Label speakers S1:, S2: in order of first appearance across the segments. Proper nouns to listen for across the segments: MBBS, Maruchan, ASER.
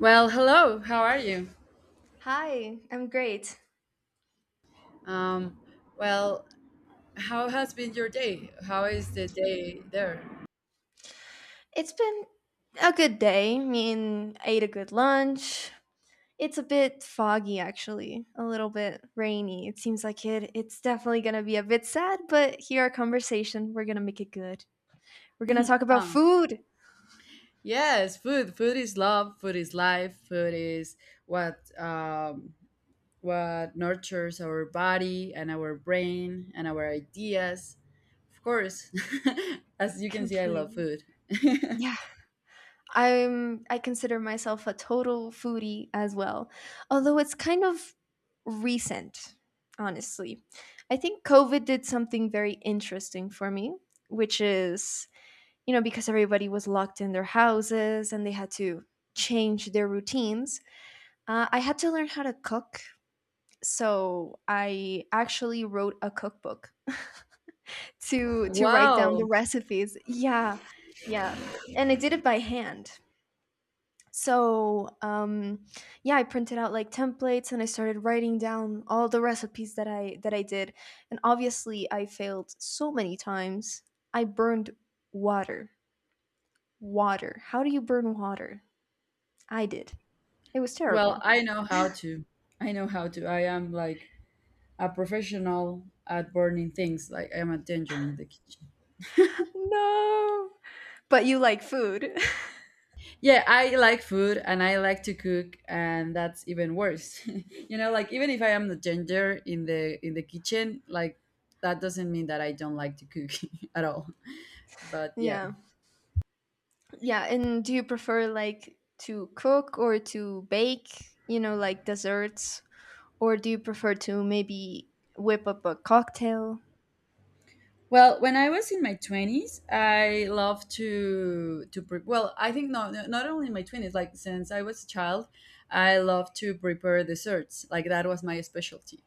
S1: Well, hello. How are you?
S2: Hi, I'm great.
S1: Um, well, how has been your day? How is the day there?
S2: It's been a good day. I mean, I ate a good lunch. It's a bit foggy actually, a little bit rainy. It seems like it's definitely going to be a bit sad, but here our conversation, we're going to make it good. We're going to talk about
S1: Oh,
S2: food
S1: yes, food. Food is love. Food is life. Food is what um, what nurtures our body and our brain and our ideas. Of course, as you can see, I love
S2: completely.
S1: food.
S2: Yeah, I consider myself a total foodie as well. Although it's kind of recent, honestly. I think COVID did something very interesting for me, which is because everybody was locked in their houses and they had to change their routines, I had to learn how to cook. So I actually wrote a cookbook to to write down
S1: Wow.
S2: the recipes. Yeah, yeah, and I did it by hand. So yeah, I printed out like templates and I started writing down all the recipes that I did. And obviously, I failed so many times. I burned water. Water. How do you burn water? I did. It was
S1: Well,
S2: terrible.
S1: I know how to. I know how to. I am like a professional at burning things. Like I am a danger in the kitchen.
S2: No. But you like food.
S1: Yeah, I like food and I like to cook, and that's even worse. You know, like even if I am the danger in the kitchen, like that doesn't mean that I don't like to cook at all. But yeah.
S2: Yeah. Yeah. And do you prefer like to cook or to bake, like desserts? Or do you prefer to maybe whip up a cocktail?
S1: Well, when I was in my twenties, I loved to well, I think not only in my twenties, like since I was a child, I loved to prepare desserts. Like that was my specialty.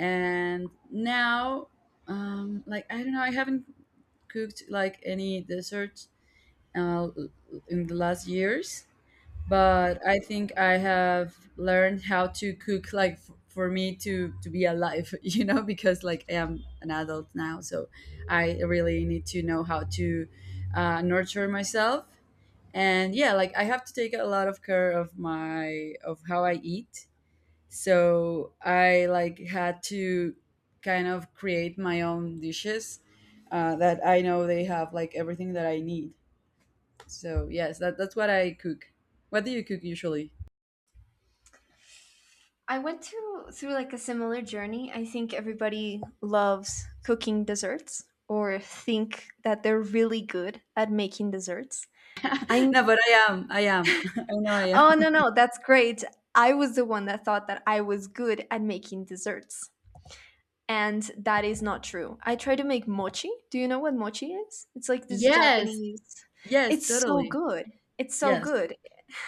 S1: And now like, I don't know, I haven't cooked like any dessert uh, in the last years. But I think I have learned how to cook, like for me to be alive, you know, because like I am an adult now, so I really need to know how to nurture myself. And yeah, like I have to take a lot of care of my of how I eat, so I like had to kind of create my own dishes that I know they have like everything that I need. So yes, that's what I cook. What do you cook usually?
S2: I went to through like a similar journey. I think everybody loves cooking desserts or think that they're really good at making desserts.
S1: No,
S2: I'm
S1: but I am. I know I am.
S2: Oh no, no, that's great. I was the one that thought that I was good at making desserts. And that is not true. I try to make mochi. Do you know what mochi is? It's like this
S1: Yes.
S2: Japanese.
S1: Yes,
S2: It's so
S1: totally.
S2: good. It's so
S1: Yes.
S2: good.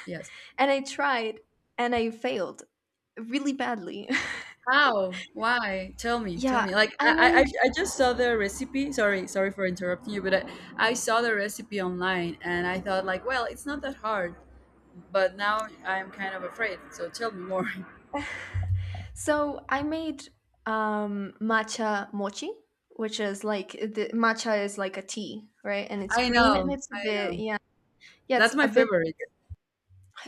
S1: Yes.
S2: And I tried and I failed really badly.
S1: How? Why? Tell me, tell
S2: yeah,
S1: me, like i
S2: I
S1: i, I
S2: made
S1: I just saw the recipe. Sorry, sorry for interrupting you, but I saw the recipe online and I thought like, well, it's not that hard, but now I'm kind of afraid. So tell me more.
S2: so I made matcha mochi, which is like the matcha is like a tea, right? And it's
S1: I
S2: green and
S1: know,
S2: it's a
S1: I
S2: bit
S1: know.
S2: yeah. Yeah, it's
S1: That's
S2: a
S1: my
S2: bit
S1: favorite.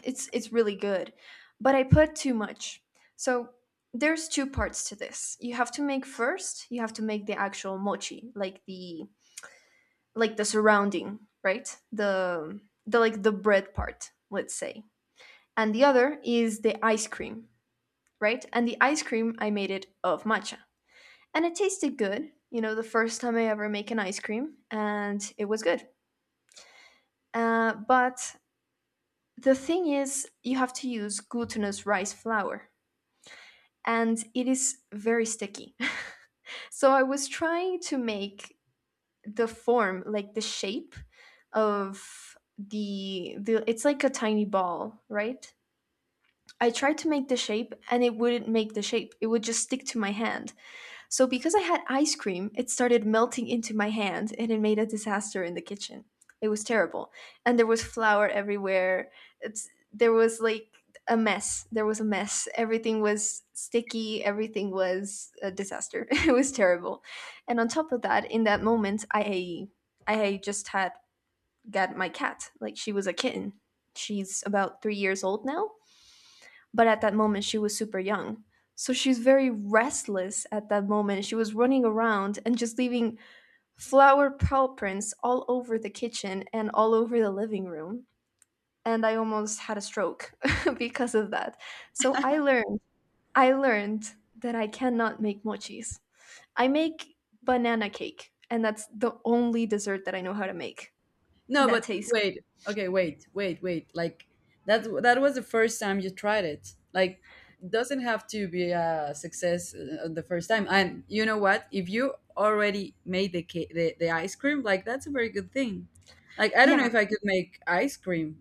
S2: It's really good, but I put too much. So there's two parts to this. You have to make first, you have to make the actual mochi, like the surrounding, right? The like the bread part, let's say. And the other is the ice cream, right? And the ice cream I made it of matcha. And it tasted good, the first time I ever make an ice cream and it was good. But the thing is you have to use glutinous rice flour and it is very sticky. So I was trying to make the form, like the shape of the it's like a tiny ball, right? I tried to make the shape and it wouldn't make the shape. It would just stick to my hand. So, because I had ice cream, it started melting into my hand and it made a disaster in the kitchen. It was terrible. And there was flour everywhere. There was like a mess. There was a mess. Everything was sticky. Everything was a disaster. it was terrible. And on top of that, in that moment, I just had got my cat. Like she was a kitten. She's about 3 years old now, but at that moment she was super young. So she's very restless at that moment. She was running around and just leaving flower paw prints all over the kitchen and all over the living room. And I almost had a stroke because of that. So I learned that I cannot make mochis. I make banana cake, and that's the only dessert that I know how to make
S1: No,
S2: that
S1: but
S2: tastes.
S1: wait. Okay, wait, wait, wait. Like that was the first time you tried it. Like, doesn't have to be a success the first time. And you know what? If you already made the cake, the ice cream, like that's a very good thing. Like, I don't know
S2: Yeah.
S1: if I could make ice cream,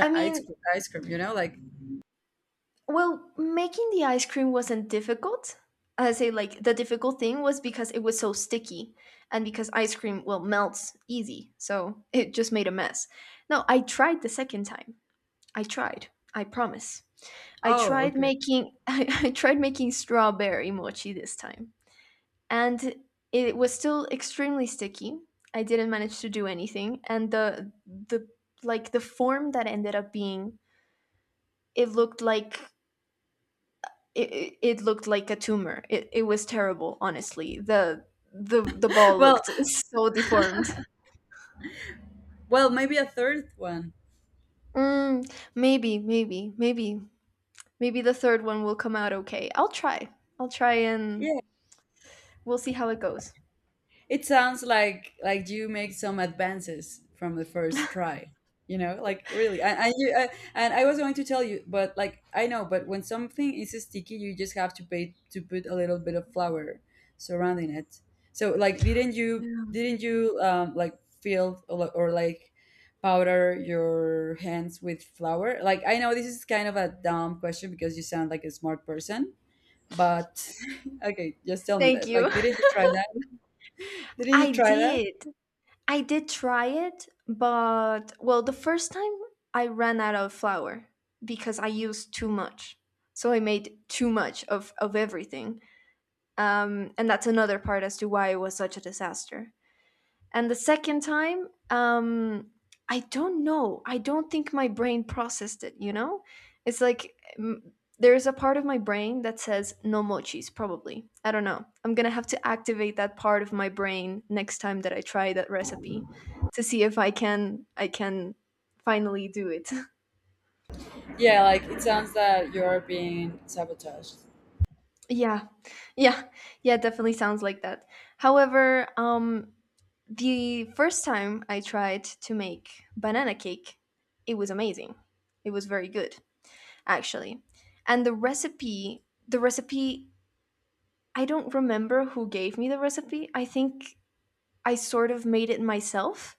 S2: I
S1: ice
S2: mean,
S1: cream, like.
S2: well, making the ice cream wasn't difficult. I say like the difficult thing was because it was so sticky and because ice cream well melts easy. So it just made a mess. No, I tried the second time. I tried. I promise. I
S1: Oh,
S2: tried
S1: okay.
S2: making I tried making strawberry mochi this time. And it was still extremely sticky. I didn't manage to do anything and the like the form that ended up being it looked like it looked like a tumor. It was terrible, honestly. The ball
S1: Well,
S2: looked so deformed.
S1: well, maybe a third one.
S2: Mm, maybe, maybe, maybe, maybe the third one will come out okay. I'll try. I'll try and
S1: Yeah.
S2: we'll see how it goes.
S1: It sounds like you make some advances from the first try. You know, like, really. And you, and I was going to tell you, but like, I know, but when something is sticky, you just have to pay to put a little bit of flour surrounding it. So like, didn't you like fill or, or like powder your hands with flour? Like, I know this is kind of a dumb question because you sound like a smart person, but okay, just tell me
S2: Thank
S1: that.
S2: you.
S1: Like, didn't you try that? Didn't you
S2: I
S1: try that?
S2: did. I did try it, but well, the first time I ran out of flour because I used too much. So I made too much of everything. And that's another part as to why it was such a disaster. And the second time, I don't know. I don't think my brain processed it, you know? It's like there's a part of my brain that says no mochis, probably. I don't know. I'm going to have to activate that part of my brain next time that I try that recipe to see if I can finally do it.
S1: Yeah, like it sounds that you're being sabotaged.
S2: yeah. Yeah. Yeah, it definitely sounds like that. However, the first time I tried to make banana cake, it was amazing. It was very good, actually. And the recipe, I don't remember who gave me the recipe. I think I sort of made it myself.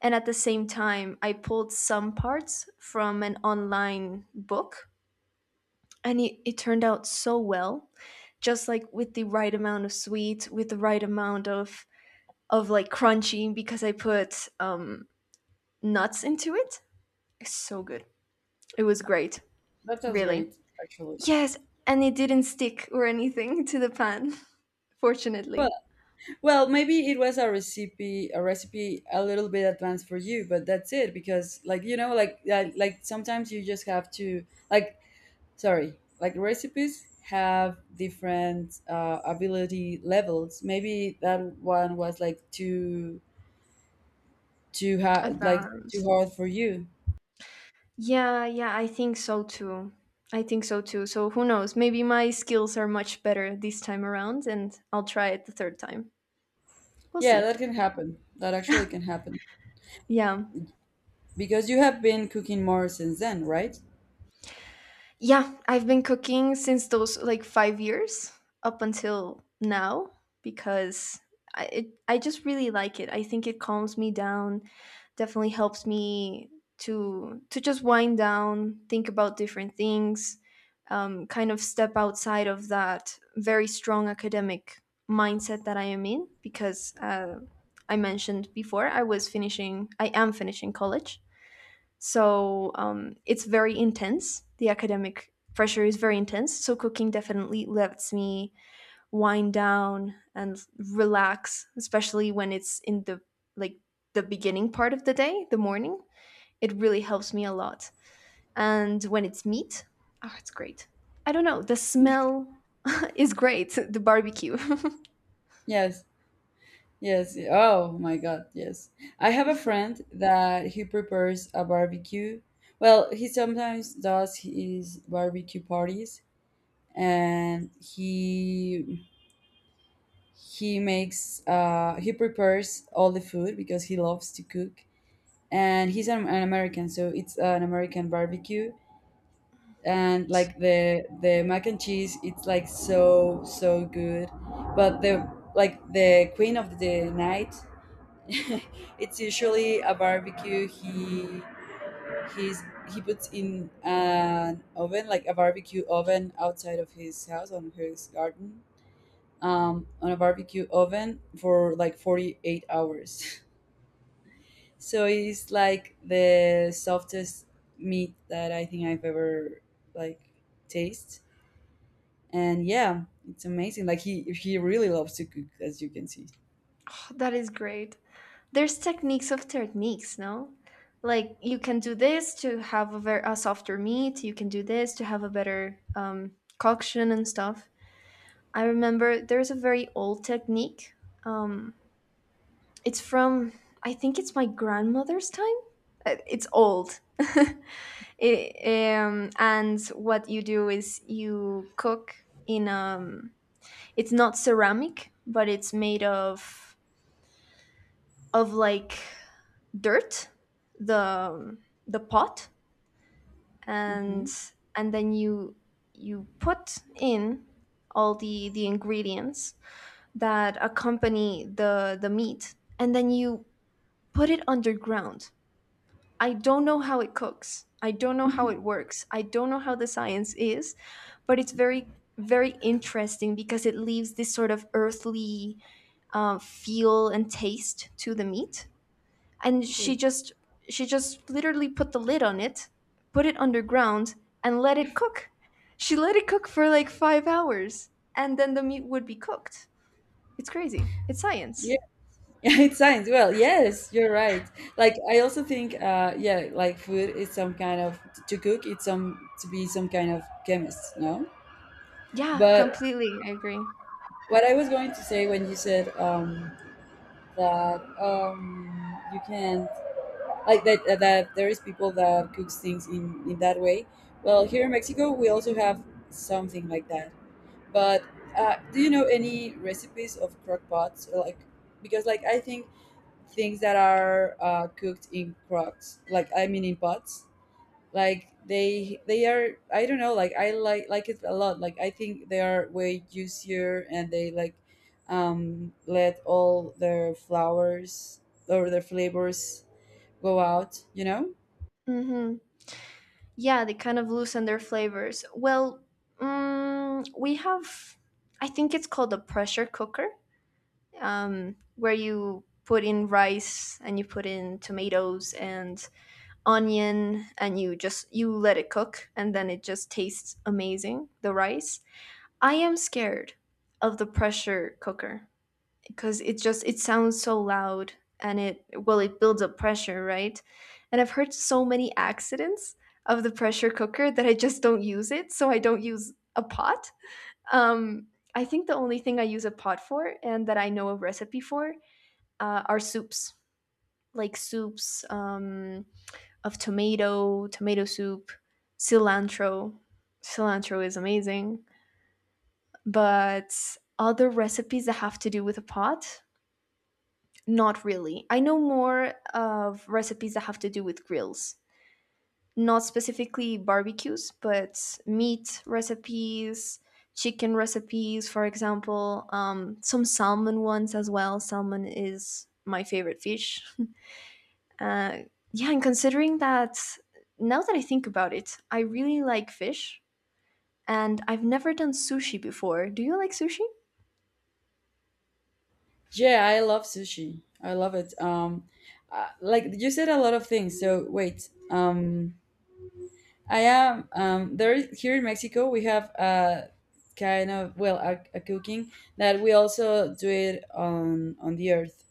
S2: And at the same time, I pulled some parts from an online book. And it turned out so well, just like with the right amount of sweet, with the right amount of like crunchy because I put nuts into it. It's so good. It was great,
S1: That sounds
S2: really.
S1: great, actually.
S2: Yes, and it didn't stick or anything to the pan,
S1: Well,
S2: fortunately.
S1: well, maybe it was a recipe a little bit advanced for you, but that's it because, like, you know, like like, sometimes you just have to, like, sorry, like, recipes have different ability levels. Maybe that one was like too hard, like too
S2: Advanced.
S1: hard for you.
S2: Yeah, yeah, I think so too. I think so too. So who knows? Maybe my skills are much better this time around and I'll try it the third time. We'll
S1: Yeah,
S2: see.
S1: that can happen. That actually can happen
S2: Yeah.
S1: because you have been cooking more since then, right?
S2: Yeah, I've been cooking since those like 5 years up until now because I just really like it. I think it calms me down. Definitely helps me to just wind down, think about different things, kind of step outside of that very strong academic mindset that I am in because I mentioned before I was finishing, I am finishing college, so it's very intense. The academic pressure is very intense, so cooking definitely lets me wind down and relax, especially when it's in the like the beginning part of the day, the morning. It really helps me a lot. And when it's meat, oh, it's great. I don't know, the smell is great, the barbecue.
S1: Yes, yes. Oh my God, yes. I have a friend that he prepares a barbecue. Well, he sometimes does his barbecue parties, and he makes he prepares all the food because he loves to cook. And he's an American, so it's an American barbecue. And like, the mac and cheese, it's like so good. But the, like the queen of the night, it's usually a barbecue. He he's he puts in an oven, like a barbecue oven, outside of his house on his garden, on a barbecue oven for like 48 hours. So it's like the softest meat that I think I've ever, like, taste. And yeah, it's amazing, like he really loves to cook, as you can see.
S2: That is great. There's techniques of techniques, no? Like you can do this to have a, a softer meat, you can do this to have a better coction and stuff. I remember there's a very old technique um, it's from, I think it's my grandmother's time. It's old. And what you do is you cook in it's not ceramic, but it's made of like dirt, the the pot.
S1: Hmm.
S2: and and then you put in all the ingredients that accompany the meat, and then you put it underground. I don't know how it cooks. I don't know how it works. I don't know how the science is, but it's very, very interesting because it leaves this sort of earthly feel and taste to the meat. And
S1: Sure.
S2: she just literally put the lid on it, put it underground, and let it cook. She let it cook for like 5 hours, and then the meat would be cooked. It's crazy. It's science.
S1: Yeah, it sounds well. Yes, you're right. Like, I also think, yeah, like food is some kind of to cook. It's some to be some kind of chemist, no?
S2: Yeah,
S1: But
S2: completely. I agree.
S1: what I was going to say when you said that you can not like, that, that there is people that cooks things in that way. Well, here in Mexico, we also have something like that. But do you know any recipes of crock pots? Or, like, because like I think things that are cooked in crocks, like, I mean, in pots, like they are, I don't know, like, I like it a lot, like I think they are way juicier and they, like, let all their flowers or their flavors go out.
S2: Hmm, yeah, they kind of loosen their flavors. Well, we have, I think it's called a pressure cooker, where you put in rice and you put in tomatoes and onion and you let it cook, and then it just tastes amazing, the rice. I am scared of the pressure cooker because it sounds so loud, and it well it builds up pressure, right? And I've heard so many accidents of the pressure cooker that I just don't use it, so I don't use a pot. um, I think the only thing I use a pot for and that I know a recipe for, are soups. Like soups of tomato soup. Cilantro cilantro is amazing. But other recipes that have to do with a pot, not really. I know more of recipes that have to do with grills, not specifically barbecues, but meat recipes, chicken recipes, for example, some salmon ones as well. Salmon is my favorite fish. Uh, yeah, and considering that, now that I think about it, I really like fish, and I've never done sushi before. Do you like sushi?
S1: Yeah, I love sushi, I love it, like you said a lot of things, so wait. I am. Here in Mexico, we have a kind of, well, a cooking that we also do it on the earth,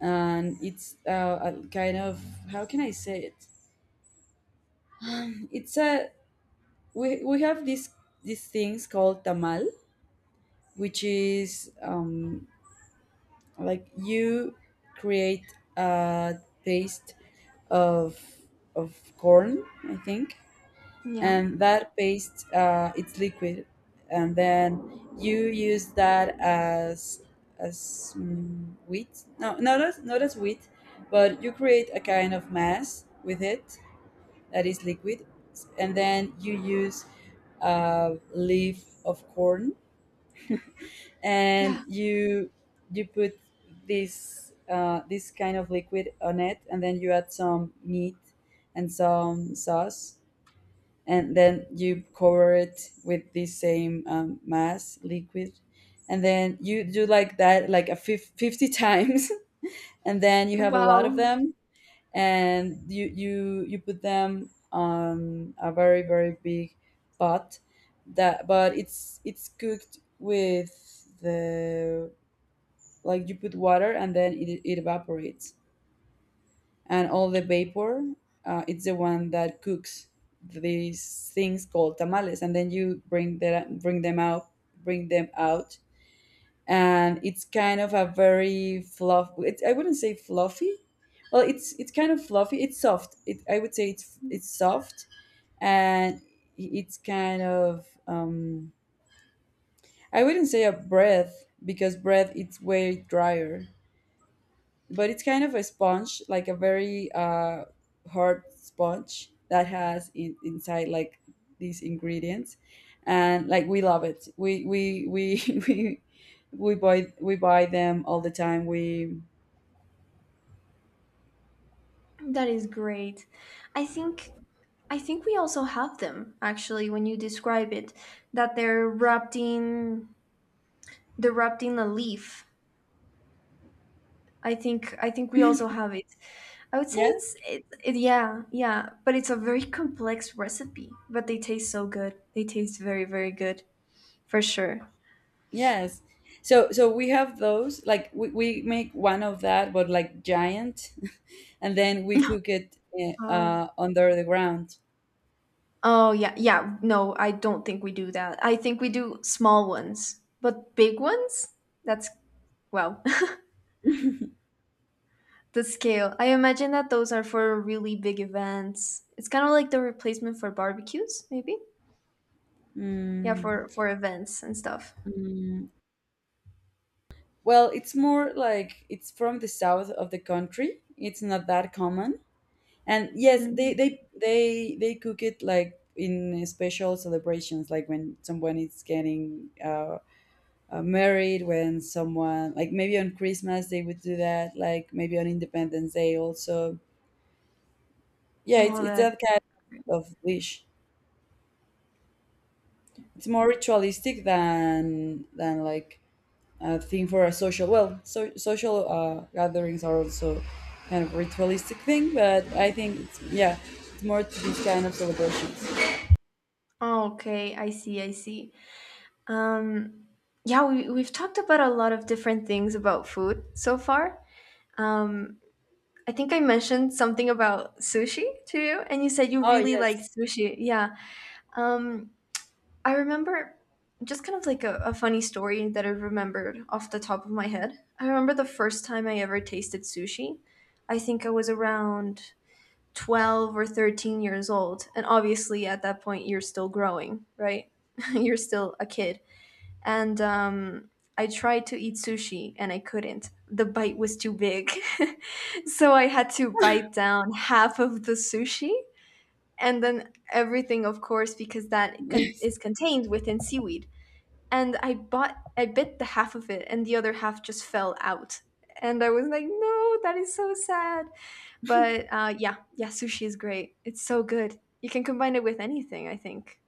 S1: and it's a kind of, how can I say it? It's a We have these things called tamal, which is like, you create a paste of of corn, I think,
S2: Yeah.
S1: and that paste, it's liquid, and then you use that as wheat. No, not as wheat, but you create a kind of mass with it that is liquid, and then you use a leaf of corn, and
S2: Yeah.
S1: you put this kind of liquid on it, and then you add some meat and some sauce, and then you cover it with the same mass liquid, and then you do like that like a 50 times. And then you have a lot of
S2: Wow.
S1: them, and you put them on a very, very big pot, that, but it's cooked with the, like, you put water and then it evaporates, and all the vapor, it's the one that cooks these things called tamales. And then you bring them out, bring them out and it's kind of a very I wouldn't say fluffy. Well, it's kind of fluffy. It's soft. I would say it's soft. And it's kind of, I wouldn't say a bread because bread, it's way drier, but it's kind of a sponge, like a very hard sponge that has inside, like, these ingredients, and, like, we love it. We we buy them all the time. We
S2: That is great. I think I think we also have them actually when you describe it that they're wrapped in, they're wrapped in a leaf. I think we also have it. I would say
S1: yes,
S2: it's it, it but it's a very complex recipe, but they taste so good. They taste very good for sure.
S1: yes. So, we have those, like, we make one of that, but, like, giant, and then we cook it
S2: Oh.
S1: under the ground.
S2: Oh yeah, yeah. No, I don't think we do that. I think we do small ones, but big ones? That's wow. The scale. I imagine that those are for really big events. It's kind of like the replacement for barbecues, maybe? Yeah,
S1: Mm,
S2: for events and stuff.
S1: mm. Well, it's more like it's from the south of the country. It's not that common. And yes, they
S2: Hmm.
S1: they they they cook it like in special celebrations, like when someone is getting married, when someone, like, maybe on Christmas they would do that, like maybe on Independence Day also. Yeah, it's
S2: Oh,
S1: it's
S2: that.
S1: that kind of dish. It's more ritualistic than like thing for a social well so, social gatherings are also kind of ritualistic thing but I think yeah it's more to these kind of celebrations.
S2: Oh, okay, I see, I see. Um, yeah, we've talked about a lot of different things about food so far. Um, I think I mentioned something about sushi to you, and you said you
S1: Oh
S2: really like
S1: yes,
S2: sushi. Yeah. Um, I remember just kind of like a funny story that I remembered off the top of my head. I remember the first time I ever tasted sushi. I think I was around 12 or 13 years old. And obviously, at that point, you're still growing, right? You're still a kid. And I tried to eat sushi and I couldn't. The bite was too big. So I had to bite down half of the sushi. And then everything, of course, because that is contained within seaweed and I bit the half of it and the other half just fell out. And I was like, no, that is so sad. But yeah, yeah, sushi is great. It's so good. You can combine it with anything, I think.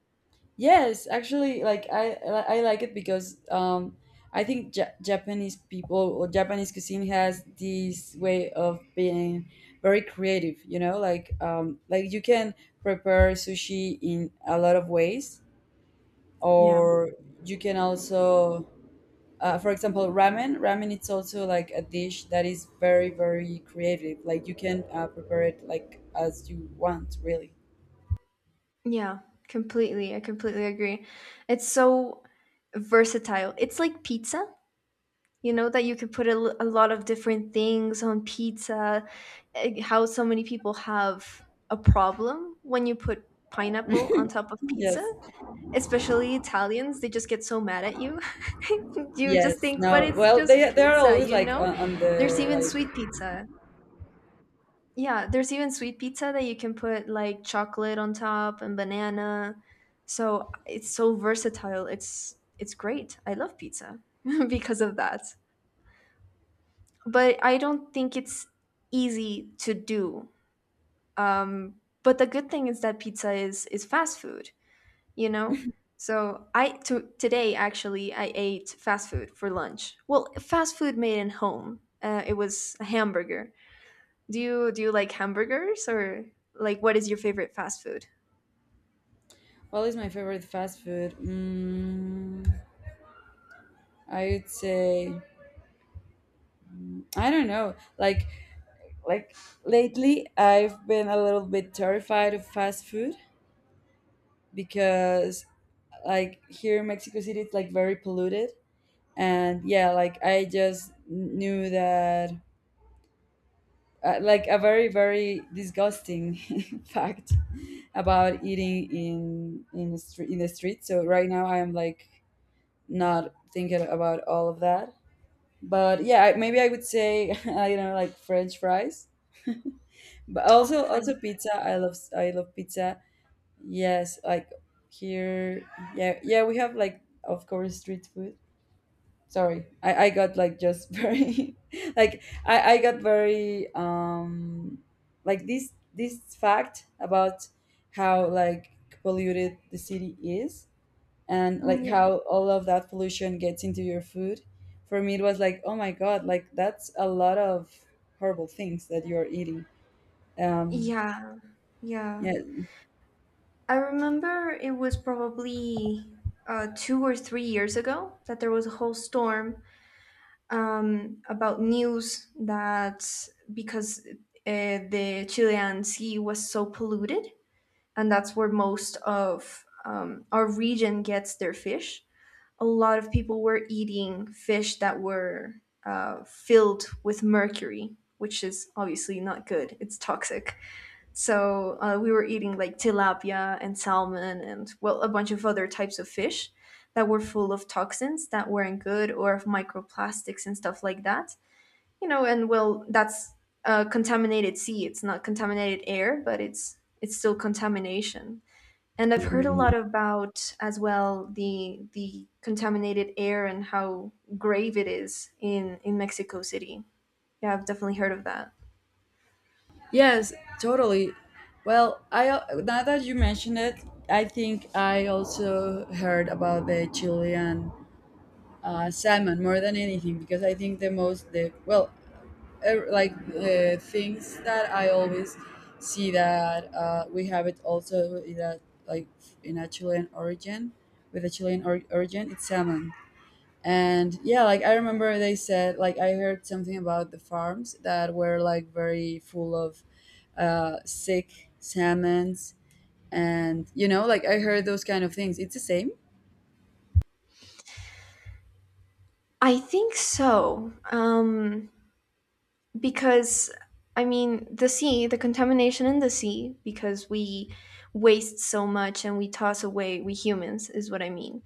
S1: yes, actually, like I like it because, I think Japanese people or Japanese cuisine has this way of being very creative, you know, like you can prepare sushi in a lot of ways,
S2: Yeah.
S1: or you can also, for example, ramen it's also like a dish that is very very creative, like you can, prepare it like as you want, really.
S2: Yeah, completely. I completely agree. It's so versatile. It's like pizza, you know, that you can put a lot of different things on pizza. How so many people have a problem when you put pineapple on top of pizza,
S1: Yes.
S2: especially Italians, they just get so mad at you. You just
S1: Yes.
S2: think, but
S1: No,
S2: it's
S1: well,
S2: just
S1: they are
S2: pizza,
S1: always
S2: you
S1: like
S2: know?
S1: on the
S2: There's even
S1: like.
S2: sweet pizza. Yeah, there's even sweet pizza that you can put like chocolate on top and banana. So it's so versatile. It's great. I love pizza because of that. But I don't think it's easy to do. Um, but the good thing is that pizza is fast food. You know, so I to today actually I ate fast food for lunch, well, fast food made in home. It was a hamburger. Do you like hamburgers or like what is your favorite fast food?
S1: What is my favorite fast food? I would say, I don't know, like lately I've been a little bit terrified of fast food because, like, here in Mexico City it's like very polluted. And yeah, like I just knew that, like a very very disgusting fact about eating in the street so right now I'm like not thinking about all of that. But yeah, maybe I would say, I don't know, like french fries, but
S2: Oh,
S1: also,
S2: French.
S1: also pizza. I love, I love pizza. Yes, like here, yeah yeah, we have like of course street food. Sorry, I got like just very like I got very, like this fact about how, like, polluted the city is and
S2: Mm,
S1: like
S2: yeah,
S1: how all of that pollution gets into your food. For me it was like, oh my god, like that's a lot of horrible things that you're eating um
S2: yeah yeah.
S1: yeah.
S2: I remember it was probably 2 or 3 years ago that there was a whole storm about news that because the Chilean sea was so polluted, and that's where most of our region gets their fish. A lot of people were eating fish that were filled with mercury, which is obviously not good. It's toxic. So we were eating like tilapia and salmon and, well, a bunch of other types of fish that were full of toxins that weren't good, or of microplastics and stuff like that. You know, and well, that's contaminated sea. It's not contaminated air, but it's still contamination. And I've heard a lot about as well the contaminated air and how grave it is in Mexico City. Yeah, I've definitely heard of that.
S1: Yes, totally. Well, I, now that you mentioned it, I think I also heard about the Chilean, salmon, more than anything, because I think the most the well, like the things that I always see that, we have it also in a, like in a Chilean origin, with a Chilean origin, it's salmon. And yeah, like I remember they said, like I heard something about the farms that were like very full of, sick salmons. And you know, like I heard those kind of things, it's the same.
S2: I think so. Because I mean, the sea, the contamination in the sea, because we waste so much and we toss away, we humans is what I mean.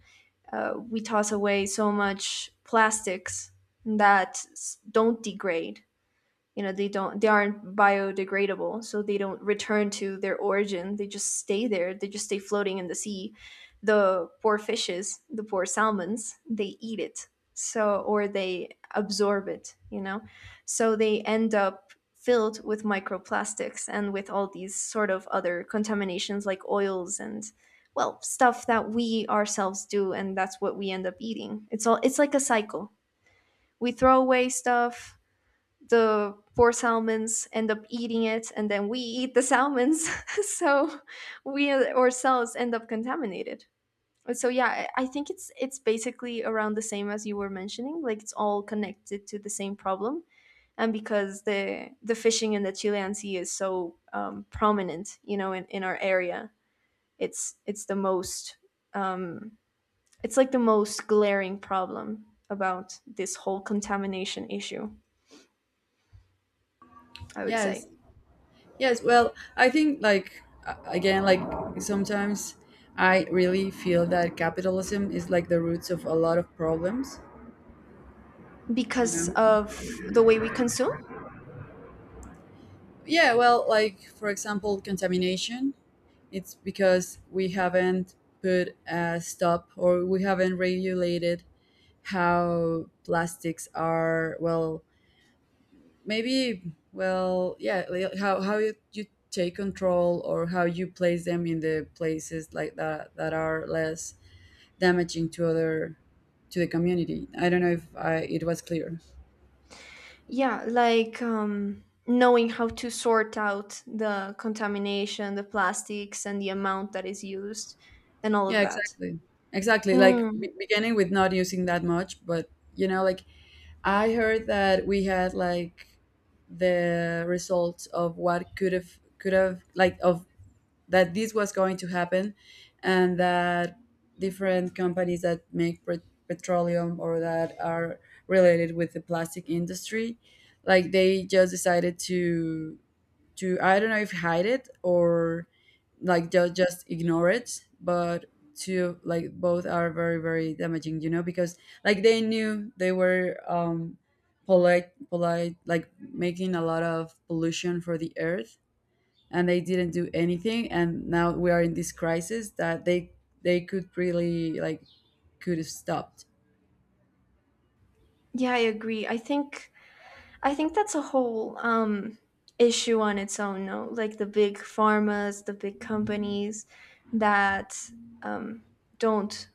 S2: We toss away so much plastics that don't degrade. You know, they don't, they aren't biodegradable, so they don't return to their origin. They just stay there, they just stay floating in the sea. The poor fishes, the poor salmons, they eat it, so or they absorb it, you know. So they end up filled with microplastics and with all these sort of other contaminations like oils and, well, stuff that we ourselves do, and that's what we end up eating. It's all it's like a cycle. We throw away stuff, the poor salmons end up eating it, and then we eat the salmons. So we ourselves end up contaminated. So yeah, I think it's basically around the same as you were mentioning. Like it's all connected to the same problem. And because the fishing in the Chilean sea is so prominent, you know, in our area, it's it's the most um, it's like the most glaring problem about this whole contamination issue, I would
S1: Yes.
S2: say.
S1: Yes, well, I think like, again, like sometimes I really feel that capitalism is like the roots of a lot of problems, you
S2: Because
S1: know.
S2: of the way we consume,
S1: Yeah, well, like for example, contamination, it's because we haven't put a stop, or we haven't regulated how plastics are, well, maybe well, yeah, how you, you take control or how you place them in the places like that that are less damaging to other, to the community. I don't know if I, it was clear.
S2: yeah, like knowing how to sort out the contamination, the plastics, and the amount that is used and all of
S1: Yeah,
S2: that.
S1: exactly. Exactly. Like,
S2: Mm,
S1: beginning with not using that much. But you know, like I heard that we had like the results of what could have like of that, this was going to happen, and that different companies that make petroleum or that are related with the plastic industry, like they just decided to, I don't know if hide it or like just ignore it. But to like both are very very damaging, you know, because like they knew they were, polite like making a lot of pollution for the earth, and they didn't do anything, and now we are in this crisis that they could really like, could have stopped.
S2: yeah, I agree. I think that's a whole issue on its own. No, like the big pharmas, the big companies that um, don't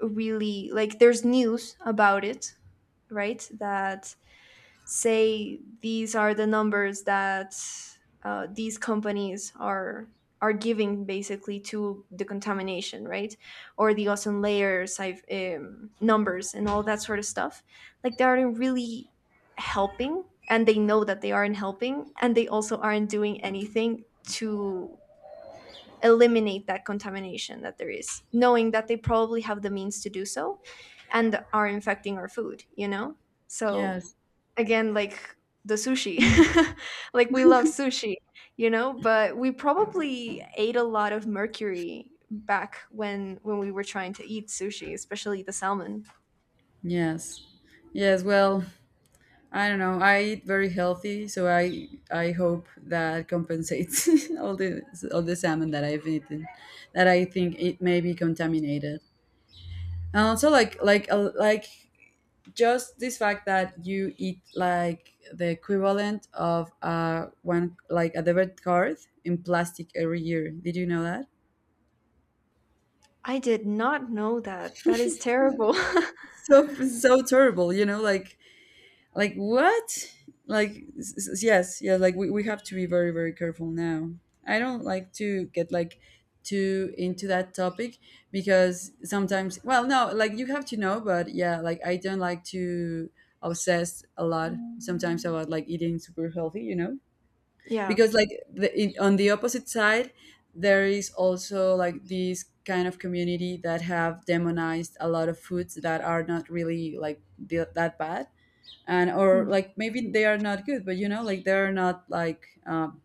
S2: really, like, there's news about it, right, that say these are the numbers that these companies are giving basically to the contamination, right? Or the ozone layers, I've, numbers, and all that sort of stuff. Like they aren't really helping, and they know that they aren't helping, and they also aren't doing anything to eliminate that contamination that there is, knowing that they probably have the means to do so and are infecting our food, you know? So
S1: Yes.
S2: again, like the sushi, like we love sushi, you know, but we probably ate a lot of mercury back when we were trying to eat sushi, especially the salmon.
S1: Yes. Yes, well, I don't know. I eat very healthy, so I hope that compensates all the, all the salmon that I've eaten, that I think it may be contaminated. And also, like just this fact that you eat like the equivalent of one, like a debit card, in plastic every year. Did you know that?
S2: I did not know that. That is
S1: No.
S2: terrible.
S1: So so terrible. You know, like what, like yes, yeah, like we have to be very very careful now. I don't like to get like too into that topic because sometimes, well no, like you have to know, but yeah, like I don't like to obsess a lot sometimes about like eating super healthy, you know.
S2: Yeah.
S1: Because like the, in, on the opposite side, there is also like these kind of community that have demonized a lot of foods that are not really like the, that bad, and or
S2: Hmm.
S1: like maybe they are not good, but you know, like they're not like,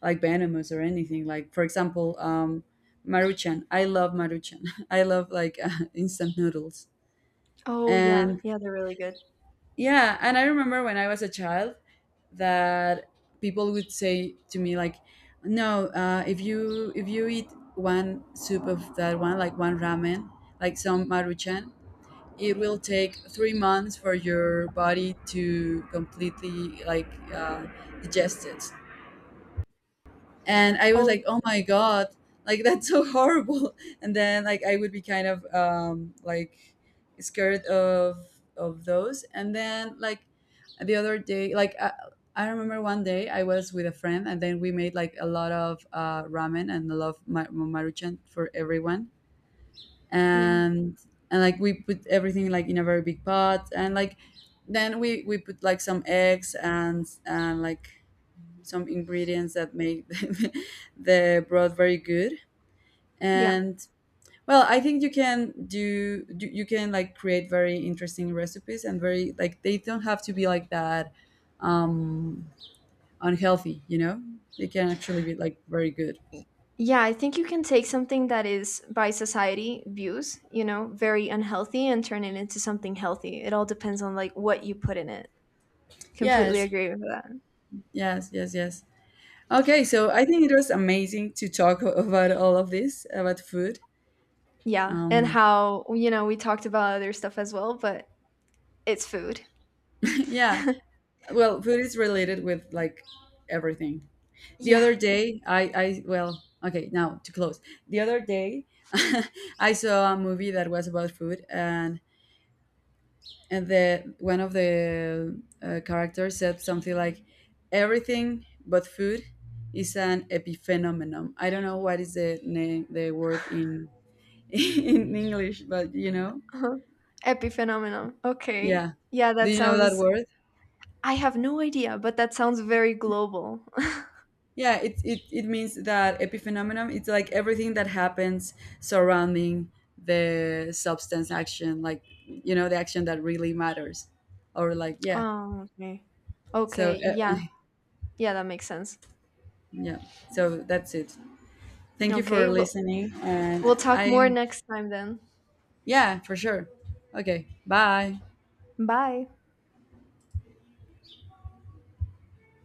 S1: like venomous or anything. Like for example, maruchan, I love maruchan, I love like, instant noodles.
S2: Oh yeah,
S1: And
S2: yeah, they're really good.
S1: yeah, and I remember when I was a child that people would say to me like, no, if you if you eat one soup of that, one like one ramen, like some maruchan, it will take 3 months for your body to completely, like, uh, digest it. And I was
S2: Oh
S1: like, "Oh my god, like, that's so horrible." And then, like, I would be kind of, like, scared of those. And then, like, the other day, like, I remember one day I was with a friend, and then we made, like, a lot of, ramen and a lot of ma maruchan for everyone.
S2: yeah,
S1: and and like we put everything like in a very big pot, and like then we put like some eggs, and like some ingredients that make the broth very good.
S2: yeah.
S1: And well, I think you can do, do you can like create very interesting recipes, and very like they don't have to be like that, um unhealthy, you know. They can actually be like very good.
S2: Yeah, I think you can take something that is by society views, you know, very unhealthy and turn it into something healthy. It all depends on like what you put in it. Completely
S1: Yes,
S2: agree with that.
S1: yes, yes, yes. Okay, so I think it was amazing to talk about all of this about food.
S2: Yeah. And
S1: Um,
S2: how, you know, we talked about other stuff as well, but it's food.
S1: yeah, well, food is related with like everything. The
S2: Yeah.
S1: other day, I well, okay, now to close. The other day, I saw a movie that was about food, and the one of the, characters said something like, "Everything but food is an epiphenomenon." I don't know what is the name, the word in in English, but you know.
S2: Uh-huh. Epiphenomenon. Okay.
S1: Yeah.
S2: Yeah,
S1: Do
S2: that
S1: you know that
S2: sounds.
S1: word?
S2: I have no idea, but that sounds very global.
S1: Yeah, it means that epiphenomenon, it's like everything that happens surrounding the substance action, like, you know, the action that really matters. Or, like, yeah.
S2: Oh, okay.
S1: So,
S2: Okay, yeah. Yeah, that makes sense.
S1: yeah. So that's it. Thank you
S2: Okay,
S1: for
S2: we'll
S1: listening. And
S2: we'll talk more
S1: I,
S2: next time then.
S1: yeah, for sure. Okay. Bye.
S2: Bye.